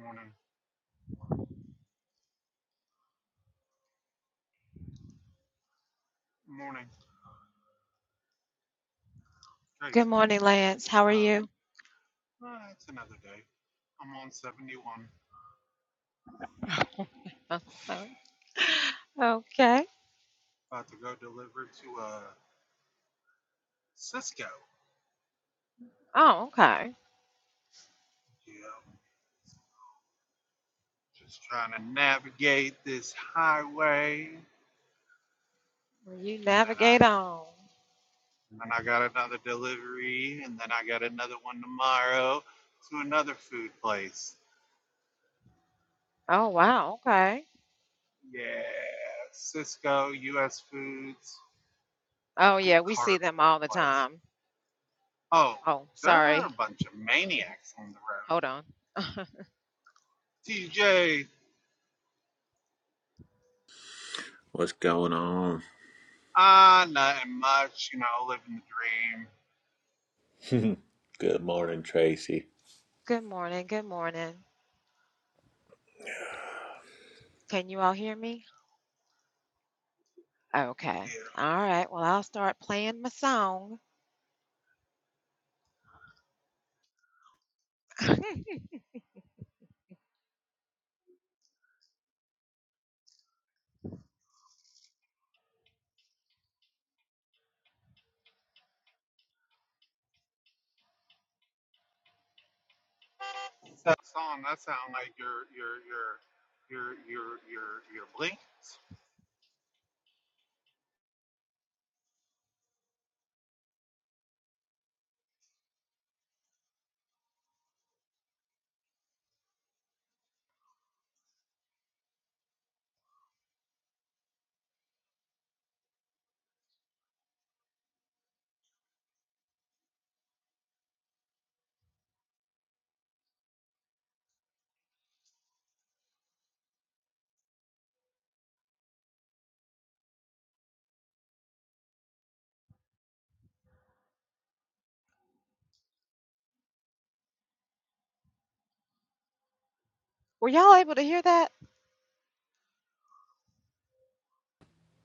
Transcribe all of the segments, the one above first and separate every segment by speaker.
Speaker 1: Morning, morning, Tracy. Uh, well, it's another day. I'm on 71, about to go deliver to uh, Cisco. Yeah, just trying to navigate this highway, and then I, and then I got another delivery, and then I got another one tomorrow to another food place. Yeah, Cisco, U.S. Foods, and a cardboard place. Oh, there are a bunch of maniacs on the road. TJ,
Speaker 2: What's going on?
Speaker 1: Ah, uh, nothing much, you know, living the dream.
Speaker 2: Good morning, Tracy.
Speaker 1: Yeah. That song, that sound like your your your your your your your blinkers.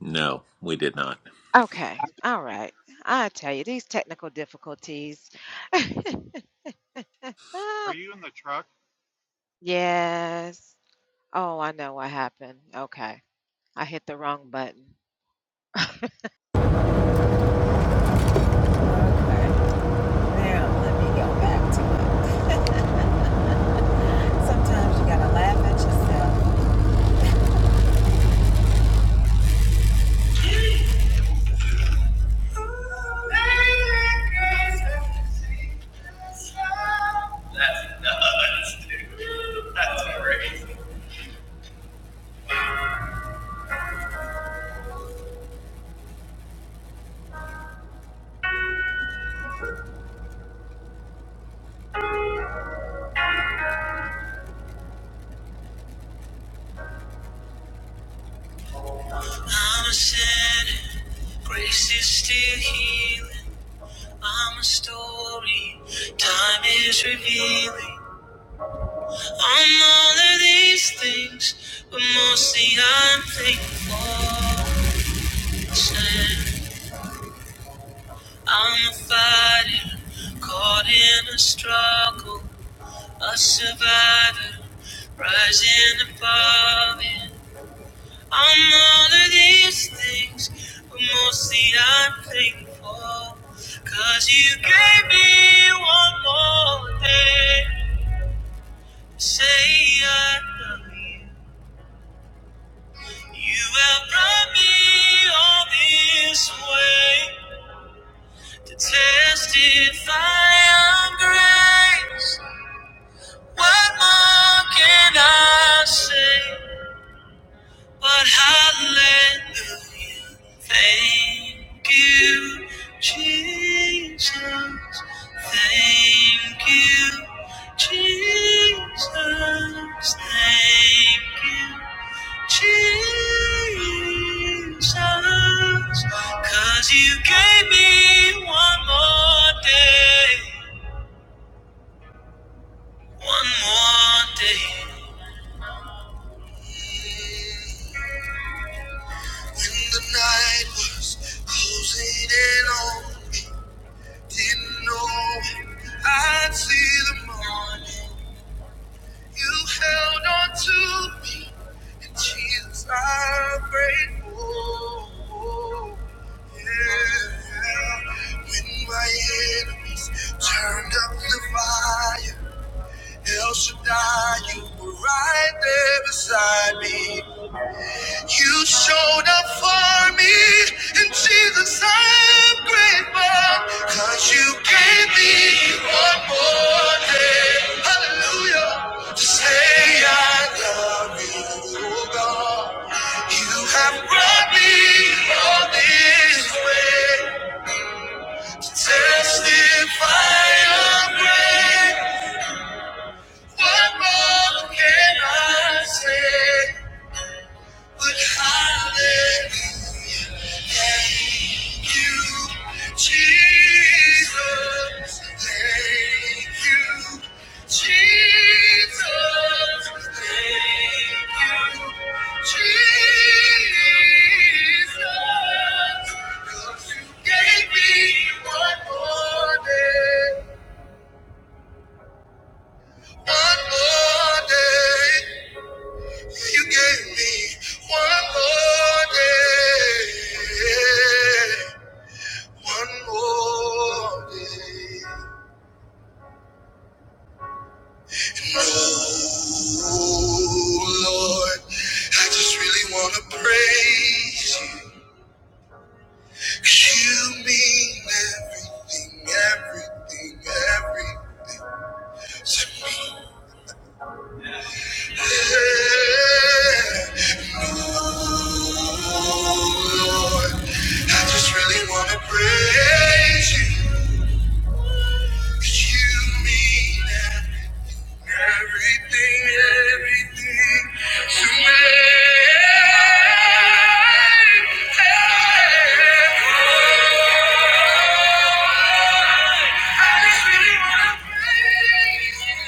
Speaker 2: No, we did not.
Speaker 1: blinkers. Are you in the truck?
Speaker 3: That's nuts, dude. That's crazy. I'm a sinner, grace is still healing. I'm a story, time is revealing. I'm all of these things, but mostly I'm thankful. for. I'm a fighter, caught in a struggle, a survivor, rising above it. I'm all of these things, but mostly I'm thankful, 'cause you gave me one more day. to Say I love you. You have brought me all this way to testify I'm great. What more can I say? But hallelujah. Thank you, Jesus. Thank you, Jesus. Thank you, Jesus, 'cause you gave me one more day, one more day. When the night was closing in on me, didn't know I'd see the morning. You held on to me, and Jesus, I'm grateful. Yeah. When my enemies turned up the fire, El Shaddai, you were right there beside me. You showed up for me, and Jesus, I'm grateful, cause you gave me one more day. Hallelujah, to say I love you, oh God. You have brought me all this way to testify of grace. What more can I say? But hallelujah, thank you, Jesus. Thank you, Jesus. Thank you, Jesus. 'Cause you gave me one more day, one more day. You gave me one more day, one more day. Oh Lord, I just really want to praise you. 'Cause you mean everything, everything, everything to me. Yeah, Oh Lord, I just really want to praise you. You mean everything, everything to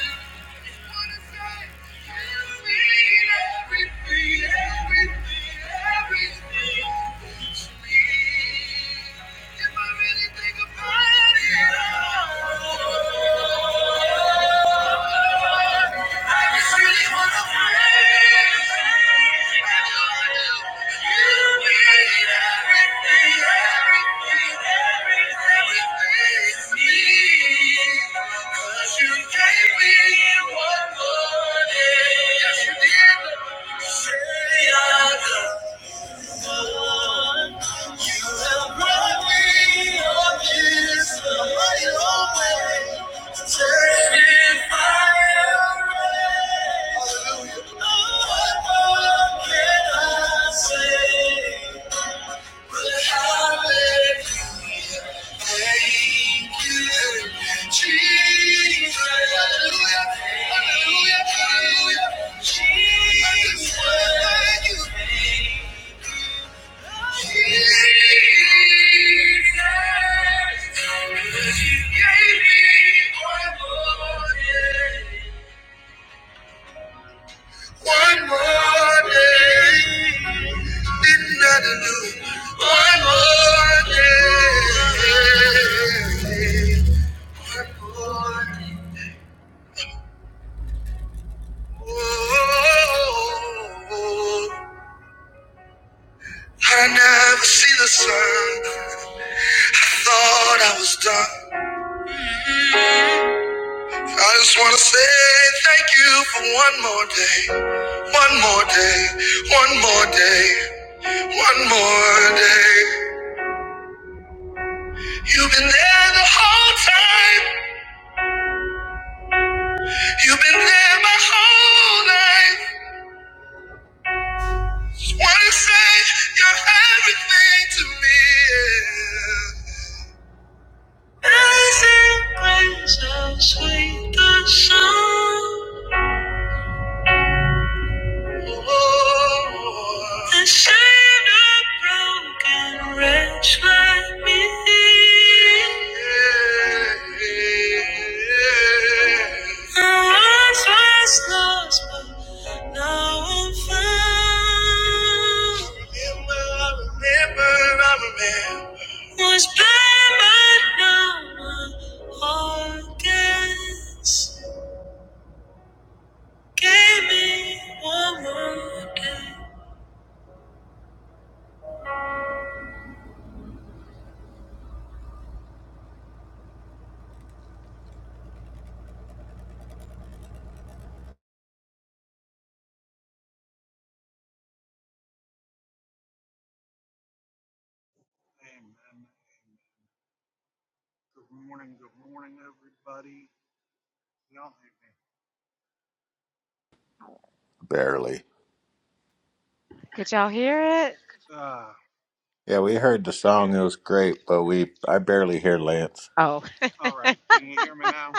Speaker 3: me. I just really wanna pray. Yes, you did. Say I love. Jesus, hallelujah, hallelujah, hallelujah. Jesus, thank you. thank you, one more day, didn't matter do. One more day, one more day. Oh, I never see the sun. Thought I was done. I just want to say thank you for one more day, one more day, one more day, one more day. You've been there the whole time, you've been there my whole life. Just want to say you're everything to me. yeah. Amazing grace, how sweet the sound. The shame of broken wretch like me. I once was lost, but now I'm found. Remember, I remember, I remember. Was blind, but now my heart Gave me one more day.
Speaker 1: Amen. Amen. Good morning, good morning everybody. Y'all hear
Speaker 2: Barely.
Speaker 1: me? Uh
Speaker 2: Yeah, we heard the song. It
Speaker 1: yeah.
Speaker 2: was great, but we I barely hear Lance.
Speaker 1: All right. Can you hear me now?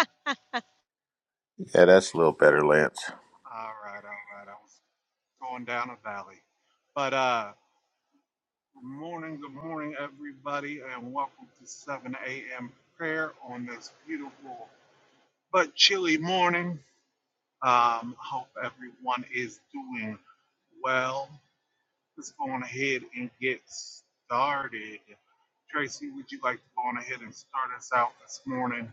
Speaker 2: Yeah, that's a little better, Lance.
Speaker 1: All right, all right. I was going down a valley. But uh good morning, good morning everybody and welcome to seven AM prayer on this beautiful but chilly morning. Um, hope everyone is doing well. Let's go on ahead and get started. Tracy, would you like to go on ahead and start us out this morning?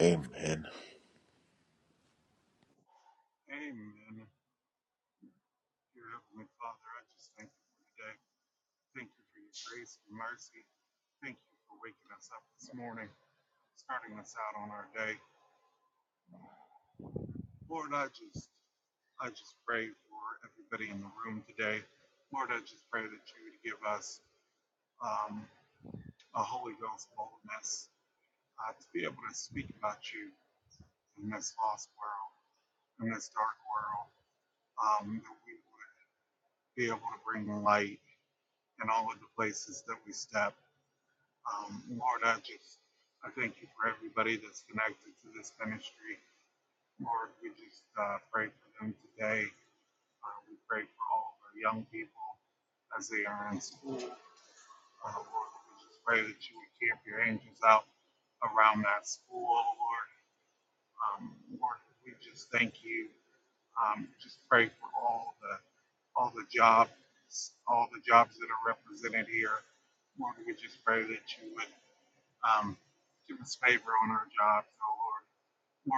Speaker 2: Amen.
Speaker 1: Amen. Dear Heavenly Father, I just thank you for today. Thank you for your grace and mercy. Thank you for waking us up this morning, starting us out on our day. Lord, I just I just pray for everybody in the room today. Lord, I just pray that you would give us um, a Holy Ghost boldness uh, to be able to speak about you in this lost world, in this dark world, um, that we would be able to bring light in all of the places that we step. Um, Lord, I just I thank you for everybody that's connected to this ministry. Lord, we just uh, pray for them today. Uh, we pray for all of our young people as they are in school. Uh, Lord, we just pray that you would camp your angels out around that school, Lord. Um, Lord, we just thank you. Um, just pray for all the all the jobs, all the jobs that are represented here. Lord, we just pray that you would um, give us favor on our jobs, oh Lord.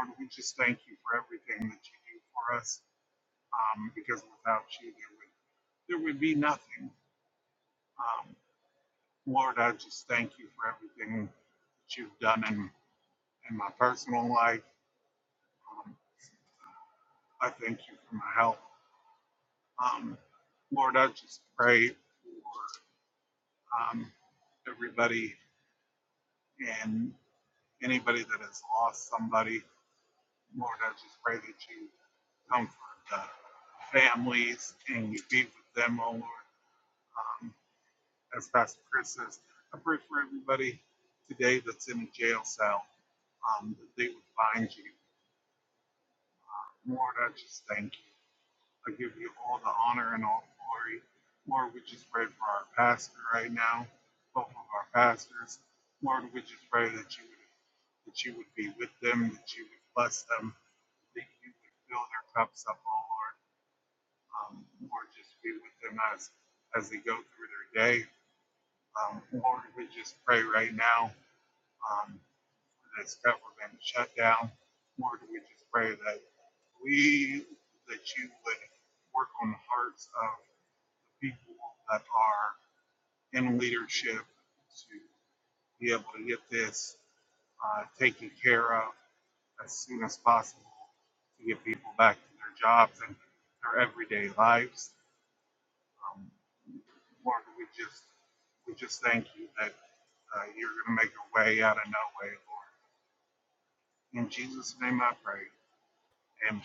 Speaker 1: Lord, we just thank you for everything that you do for us, um, because without you, there would there would be nothing. Um, Lord, I just thank you for everything that you've done in in my personal life. Um, I thank you for my health. Um, Lord, I just pray for um, everybody and anybody that has lost somebody. Lord, I just pray that you comfort the families and you be with them, oh Lord. Um, as Pastor Chris says, I pray for everybody today that's in a jail cell um, that they would find you. Lord, I just thank you. I give you all the honor and all glory. Lord, we just pray for our pastor right now, both of our pastors. Lord, we just pray that you would that you would be with them, that you would bless them, that you would fill their cups up, oh Lord. Um, Lord, just be with them as as they go through their day. Um, Lord, we just pray right now um, for this government shutdown. Lord, we just pray that we that you would work on the hearts of the people that are in leadership to be able to get this uh, taken care of as soon as possible to get people back to their jobs and their everyday lives. Um, Lord, we just we just thank you that uh, you're going to make a way out of no way, Lord. In Jesus' name, I pray. Amen.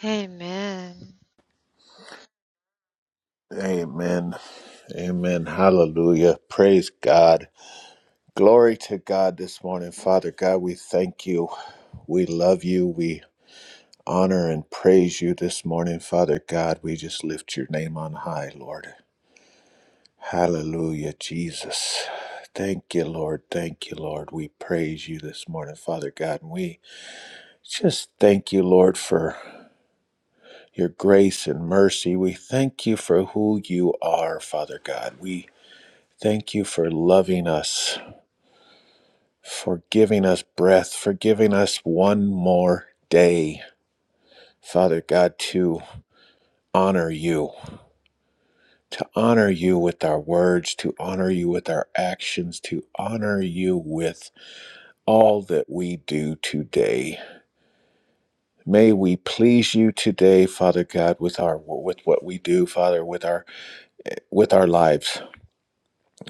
Speaker 2: Amen. Amen. Hallelujah. Praise God. Glory to God this morning, Father God. We thank you. We love you. We honor and praise you this morning, Father God. We just lift your name on high, Lord. Hallelujah, Jesus. Thank you, Lord. Thank you, Lord. We praise you this morning, Father God. And we just thank you, Lord, for your grace and mercy. We thank you for who you are, Father God. We thank you for loving us, for giving us breath, for giving us one more day, Father God, to honor you, to honor you with our words, to honor you with our actions, to honor you with all that we do today. May we please you today, Father God, with our with what we do, Father, with our with our lives.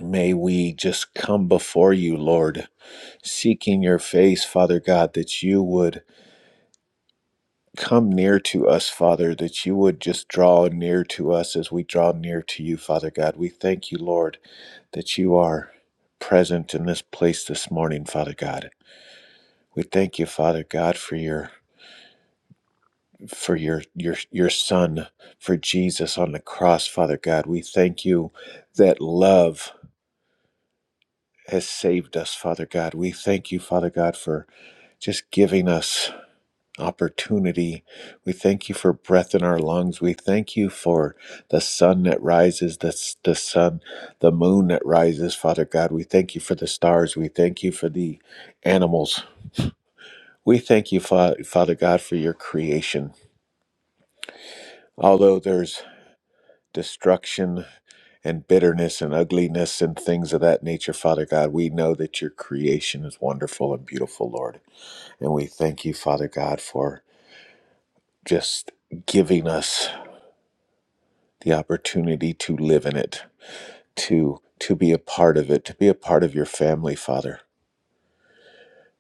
Speaker 2: May we just come before you, Lord, seeking your face, Father God, that you would come near to us, Father, that you would just draw near to us as we draw near to you, Father God. We thank you, Lord, that you are present in this place this morning, Father God. We thank you, Father God, for your for your your your son for Jesus on the cross father god we thank you that love has saved us father god we thank you father god for just giving us opportunity we thank you for breath in our lungs we thank you for the sun that rises the the sun the moon that rises father god we thank you for the stars we thank you for the animals we thank you Fa- father god for your creation although there's destruction and bitterness and ugliness and things of that nature, Father God. We know that your creation is wonderful and beautiful, Lord. And we thank you, Father God, for just giving us the opportunity to live in it, to to be a part of it, to be a part of your family, Father.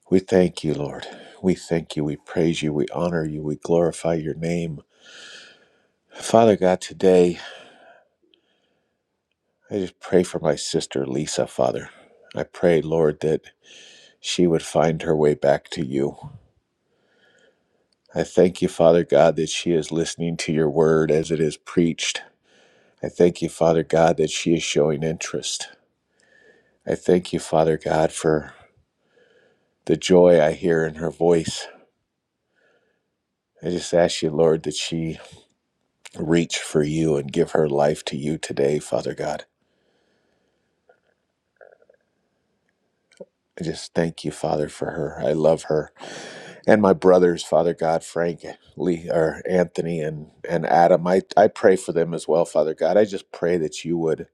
Speaker 2: We thank you, Lord. We thank you. We praise you. We honor you. We glorify your name. Father God, today I just pray for my sister Lisa, Father. I pray, Lord, that she would find her way back to you I thank you, Father God, that she is listening to your word as it is preached. I thank you, Father God, that she is showing interest. I thank you, Father God, for the joy I hear in her voice. I just ask you, Lord, that she reach for you and give her life to you today, Father God. I just thank you, Father, for her. I love her. And my brothers, Father God, Frank, Lee, or Anthony, and, and Adam, I, I pray for them as well, Father God. I just pray that you would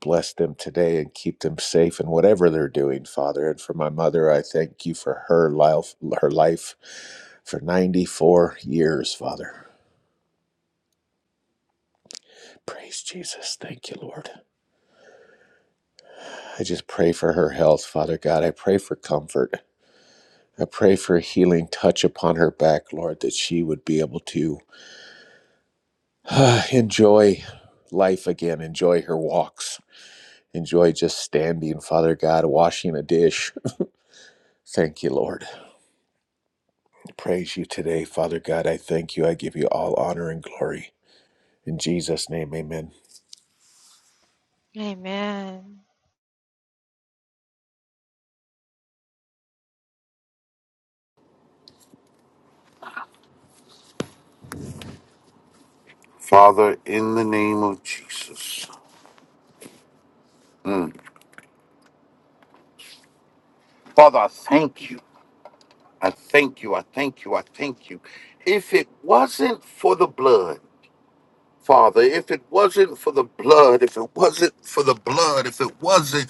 Speaker 2: Bless them today and keep them safe in whatever they're doing, Father. And for my mother, I thank you for her life, her life for 94 years, Father. Praise Jesus. Thank you, Lord. I just pray for her health, Father God. I pray for comfort. I pray for a healing touch upon her back, Lord, that she would be able to uh, enjoy life again, enjoy her walks, enjoy just standing, Father God, washing a dish. Thank you, Lord. praise you today, Father God. I thank you. I give you all honor and glory. In Jesus' name, amen.
Speaker 4: Father, in the name of Jesus. Mm. Father, I thank you. I thank you. I thank you. I thank you. If it wasn't for the blood, Father, if it wasn't for the blood, if it wasn't for the blood, if it wasn't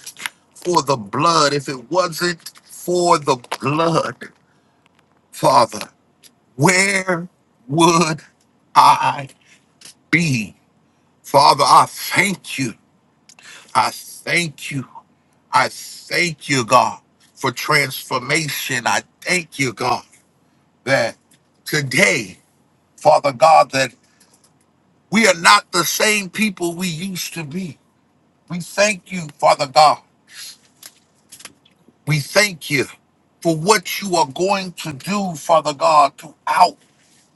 Speaker 4: for the blood, if it wasn't for the blood, Father, where would I be? Father, I thank you. I thank you. I thank you, God, for transformation. I thank you, God, that today, Father God, that we are not the same people we used to be. We thank you, Father God. We thank you for what you are going to do, Father God, throughout,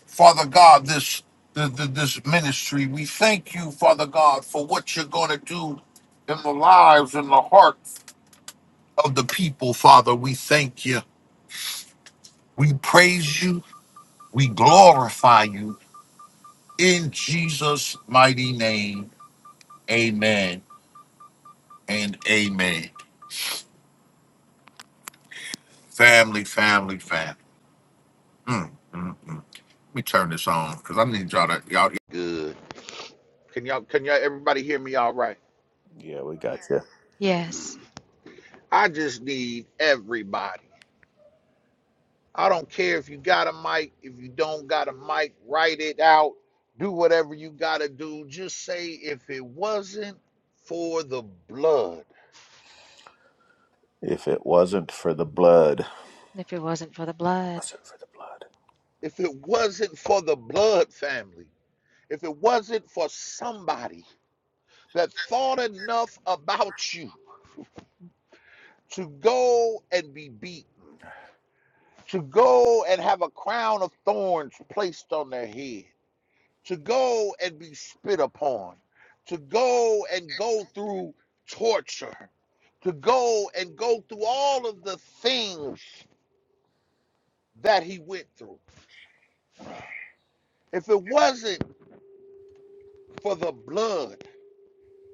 Speaker 4: Father God, this the, the, this ministry. We thank you, Father God, for what you're going to do in the lives and the hearts of the people, Father. We thank you. We praise you. We glorify you in Jesus' mighty name. Amen and amen. Family, family, family. Mm, mm, mm. Let me turn this on because I need y'all to y'all. Good. Can y'all can y'all everybody hear me all right?
Speaker 2: Yeah, we got you.
Speaker 4: I just need everybody. I don't care if you got a mic, if you don't got a mic, write it out. Do whatever you gotta do. Just say if it wasn't for the blood.
Speaker 2: If it wasn't for the blood, wasn't for the blood.
Speaker 4: If it wasn't for the blood family. if it wasn't for somebody that thought enough about you to go and be beaten, to go and have a crown of thorns placed on their head, to go and be spit upon, to go and go through torture, to go and go through all of the things that he went through. If it wasn't for the blood,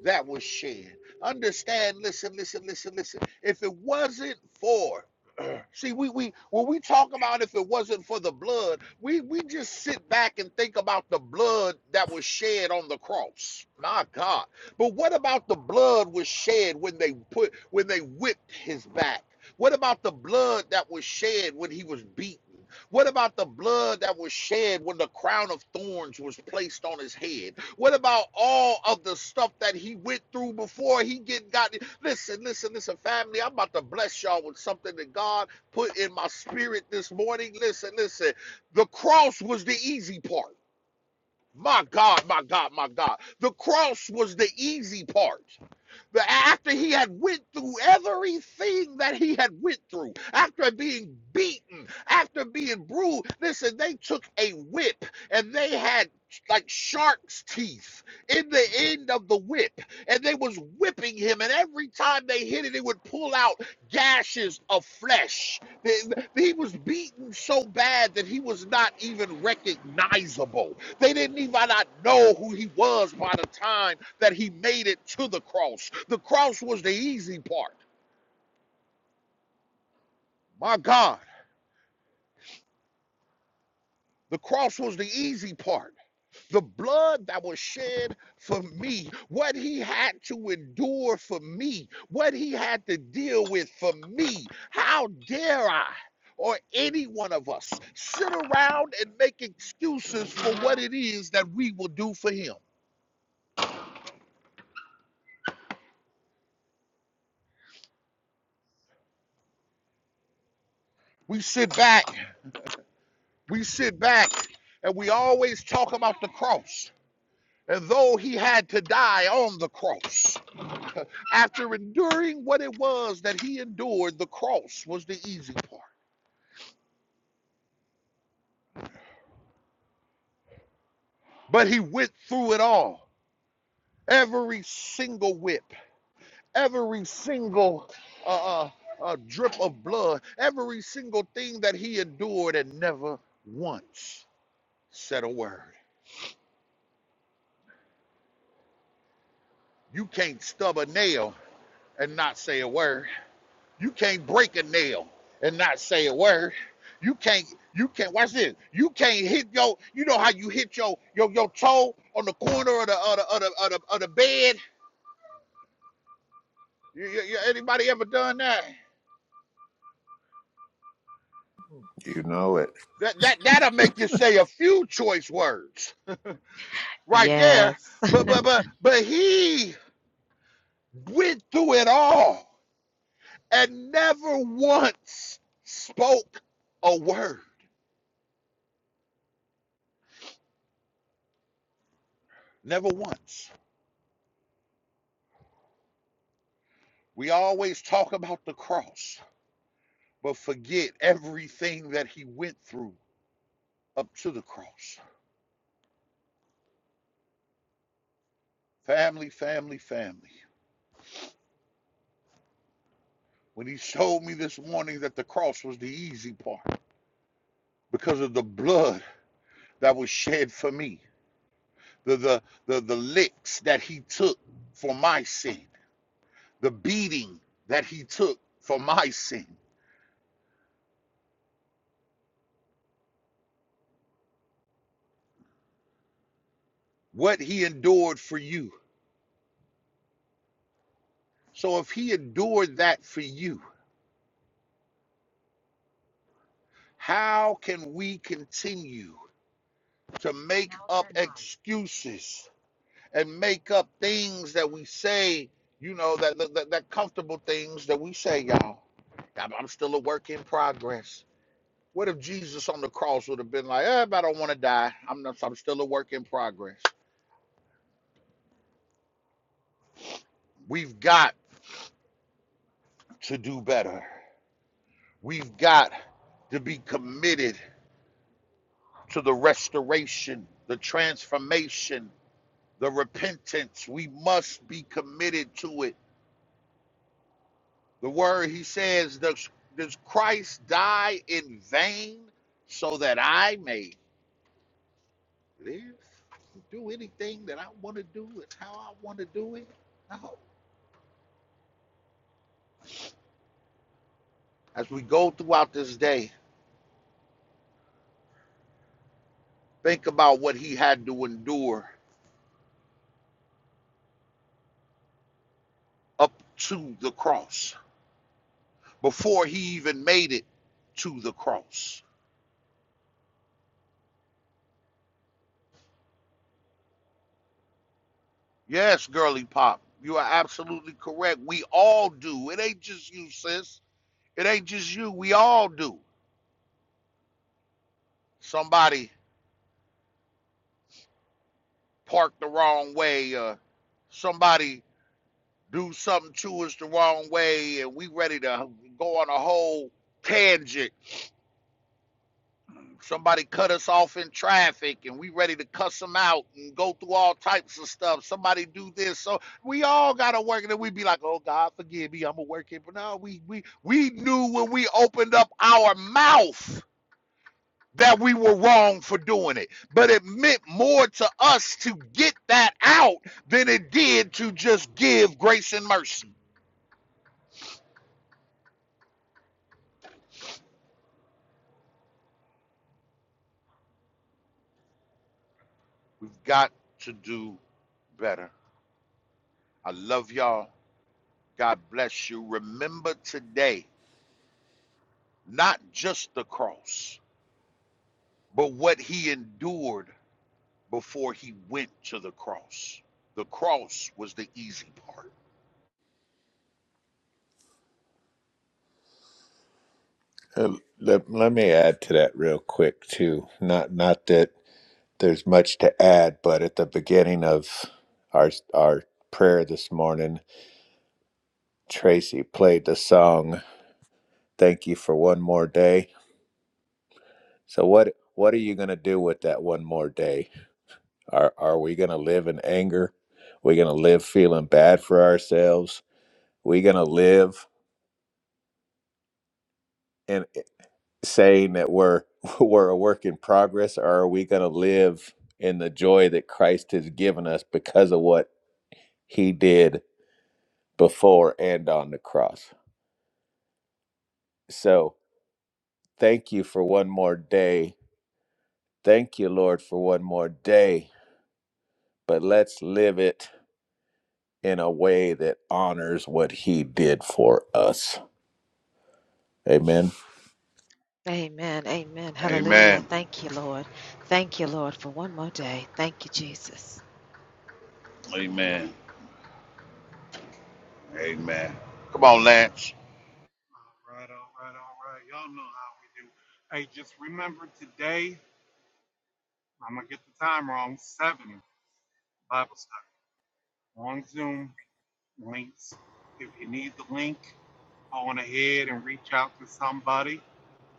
Speaker 4: that was shed. Understand, listen, listen, listen, listen. If it wasn't for see, we we when we talk about if it wasn't for the blood, we we just sit back and think about the blood that was shed on the cross. My God. But what about the blood was shed when they put when they whipped his back? What about the blood that was shed when he was beaten? What about the blood that was shed when the crown of thorns was placed on his head? What about all of the stuff that he went through before he get got? it? Listen, listen, listen, family. I'm about to bless y'all with something that God put in my spirit this morning. Listen, listen. The cross was the easy part. My God, my God, my God. The cross was the easy part. But after he had went through everything that he had went through, after being beaten, after being bruised, listen, they took a whip and they had like shark's teeth in the end of the whip and they was whipping him and every time they hit it it would pull out gashes of flesh he was beaten so bad that he was not even recognizable they didn't even not know who he was by the time that he made it to the cross. The cross was the easy part. My God, the cross was the easy part. The blood that was shed for me, what he had to endure for me, what he had to deal with for me. How dare I? Or any one of us sit around and make excuses for what it is that we will do for him. We sit back We sit back and we always talk about the cross. And though he had to die on the cross, after enduring what it was that he endured, the cross was the easy part. But he went through it all every single whip, every single uh, uh, uh, drip of blood, every single thing that he endured and never once said a word. You can't stub a nail and not say a word. You can't break a nail and not say a word. You can't. You can't. Watch this. You can't hit your. You know how you hit your your your toe on the corner of the of the of the, of the, of the bed. You, you, anybody ever done that?
Speaker 2: You know it.
Speaker 4: That that that'll make you say a few choice words right there. But but but but he went through it all and never once spoke a word. Never once. We always talk about the cross. but forget everything that he went through up to the cross. Family, family, family. When he showed me this morning that the cross was the easy part because of the blood that was shed for me, the the the, the licks that he took for my sin, the beating that he took for my sin, what he endured for you. So if he endured that for you, how can we continue to make up excuses? and make up things that we say, you know, that that, that comfortable things that we say, y'all. I'm, I'm still a work in progress. What if Jesus on the cross would have been like, eh, but I don't want to die. I'm not, I'm still a work in progress. We've got to do better. We've got to be committed to the restoration, the transformation, the repentance. We must be committed to it The word he says, does, does Christ die in vain so that I may live? Do anything that I want to do and how I want to do it? No. As we go throughout this day, think about what he had to endure up to the cross before he even made it to the cross. Yes, girly pop, you are absolutely correct. We all do. It ain't just you, sis. It ain't just you. We all do. Somebody park the wrong way or somebody do something to us the wrong way and we ready to go on a whole tangent somebody cut us off in traffic and we ready to cuss them out and go through all types of stuff somebody do this so we all gotta work and then we be like oh god forgive me i'm gonna work it but no we we we knew when we opened up our mouth that we were wrong for doing it. But it meant more to us to get that out than it did to just give grace and mercy. We've got to do better. I love y'all. God bless you. Remember today, not just the cross, but what he endured before he went to the cross. The cross was the easy part.
Speaker 2: Uh, Let, let me add to that real quick too. Not not that there's much to add, but at the beginning of our our prayer this morning, Tracy played the song "Thank You for One More Day." So what what are you gonna do with that one more day? Are are we going to live in anger? We're going to live feeling bad for ourselves. We're going to live in eh, saying that we're we're a work in progress, or are we going to live in the joy that Christ has given us because of what He did before and on the cross? So thank you for one more day. Thank you, Lord, for one more day. But let's live it in a way that honors what He did for us. Amen.
Speaker 4: Amen.
Speaker 1: Amen.
Speaker 4: Amen. Amen. Come on, Lance.
Speaker 1: All right, all right, all right. Y'all know how we do. Hey, just remember today. I'm gonna get the time wrong. Seven. Bible study on Zoom links. If you need the link, go on ahead and reach out to somebody.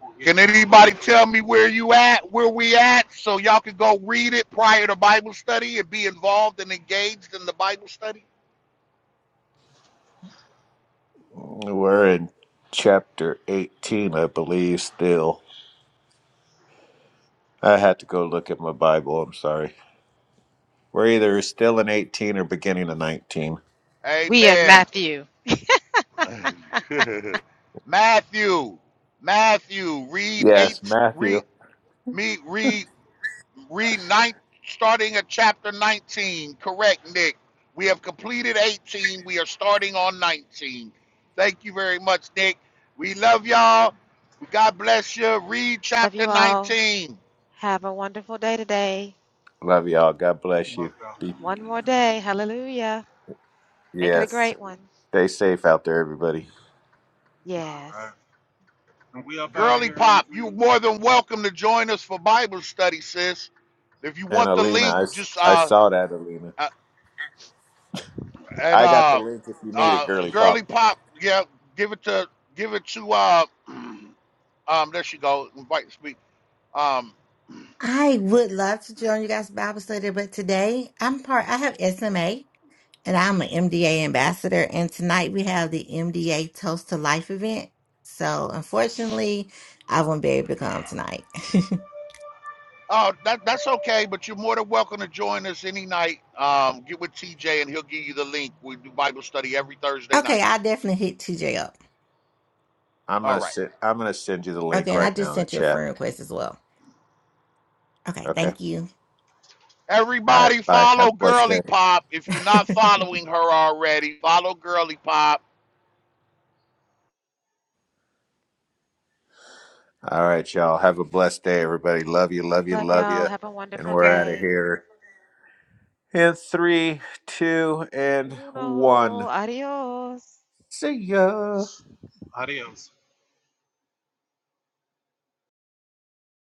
Speaker 1: We'll
Speaker 4: Can
Speaker 1: get you the
Speaker 4: anybody
Speaker 1: link.
Speaker 4: tell me where you at, where we at, so y'all can go read it prior to Bible study and be involved and engaged in the Bible study?
Speaker 2: We're in chapter 18, I believe, still. I had to go look at my Bible. I'm sorry. We're either still in 18 or beginning of 19.
Speaker 4: Amen. Matthew, Matthew, read
Speaker 2: Yes,
Speaker 4: eight, read
Speaker 2: Matthew.
Speaker 4: me, read, read nine, starting at chapter nineteen. Correct, Nick. We have completed eighteen. We are starting on nineteen. Thank you very much, Nick. We love y'all. God bless you. Read chapter nineteen.
Speaker 2: Love y'all. God bless
Speaker 1: Love
Speaker 2: you.
Speaker 1: y'all.
Speaker 2: Be- yes. Stay safe out there, everybody.
Speaker 1: All right. And we up out of
Speaker 4: Girly
Speaker 1: here in
Speaker 4: Pop, you're
Speaker 1: three.
Speaker 4: more than welcome to join us for Bible study, sis. If you
Speaker 2: And
Speaker 4: want the
Speaker 2: Alina,
Speaker 4: link,
Speaker 2: I, s-
Speaker 4: just
Speaker 2: I
Speaker 4: uh,
Speaker 2: saw that, Alina.
Speaker 4: uh and
Speaker 2: I got the
Speaker 4: uh,
Speaker 2: link if you need it,
Speaker 4: uh,
Speaker 2: girly
Speaker 4: Girly
Speaker 2: pop.
Speaker 4: Pop, yeah, give it to give it to uh, um, there she go, invite to speak. Um,
Speaker 5: I would love to join you guys Bible study, but today I'm part, I have SMA and I'm an MDA ambassador. And tonight we have the MDA Toast to Life event. So unfortunately, I won't be able to come tonight.
Speaker 4: oh, that that's okay, but you're more than welcome to join us any night. Um, get with TJ and he'll give you the link. We do Bible study every Thursday
Speaker 5: okay,
Speaker 4: night.
Speaker 5: I'll definitely hit TJ up.
Speaker 2: I'm
Speaker 4: All
Speaker 2: gonna
Speaker 4: right.
Speaker 2: send I'm gonna send you the
Speaker 5: Okay,
Speaker 2: link
Speaker 5: and I
Speaker 2: right now
Speaker 5: just
Speaker 2: in the
Speaker 5: sent you a
Speaker 2: chat.
Speaker 5: friend request as well. Okay,
Speaker 2: Okay.
Speaker 5: thank you.
Speaker 2: All
Speaker 4: Everybody
Speaker 2: right. Bye. Have
Speaker 4: follow
Speaker 2: a blessed day.
Speaker 4: Girly Pop. If you're not following her already, follow Girly Pop
Speaker 2: All right, y'all. Have a blessed day, everybody. Love you, love you, love you. And we're out of here. In three, two, and one. See ya.
Speaker 1: Adios.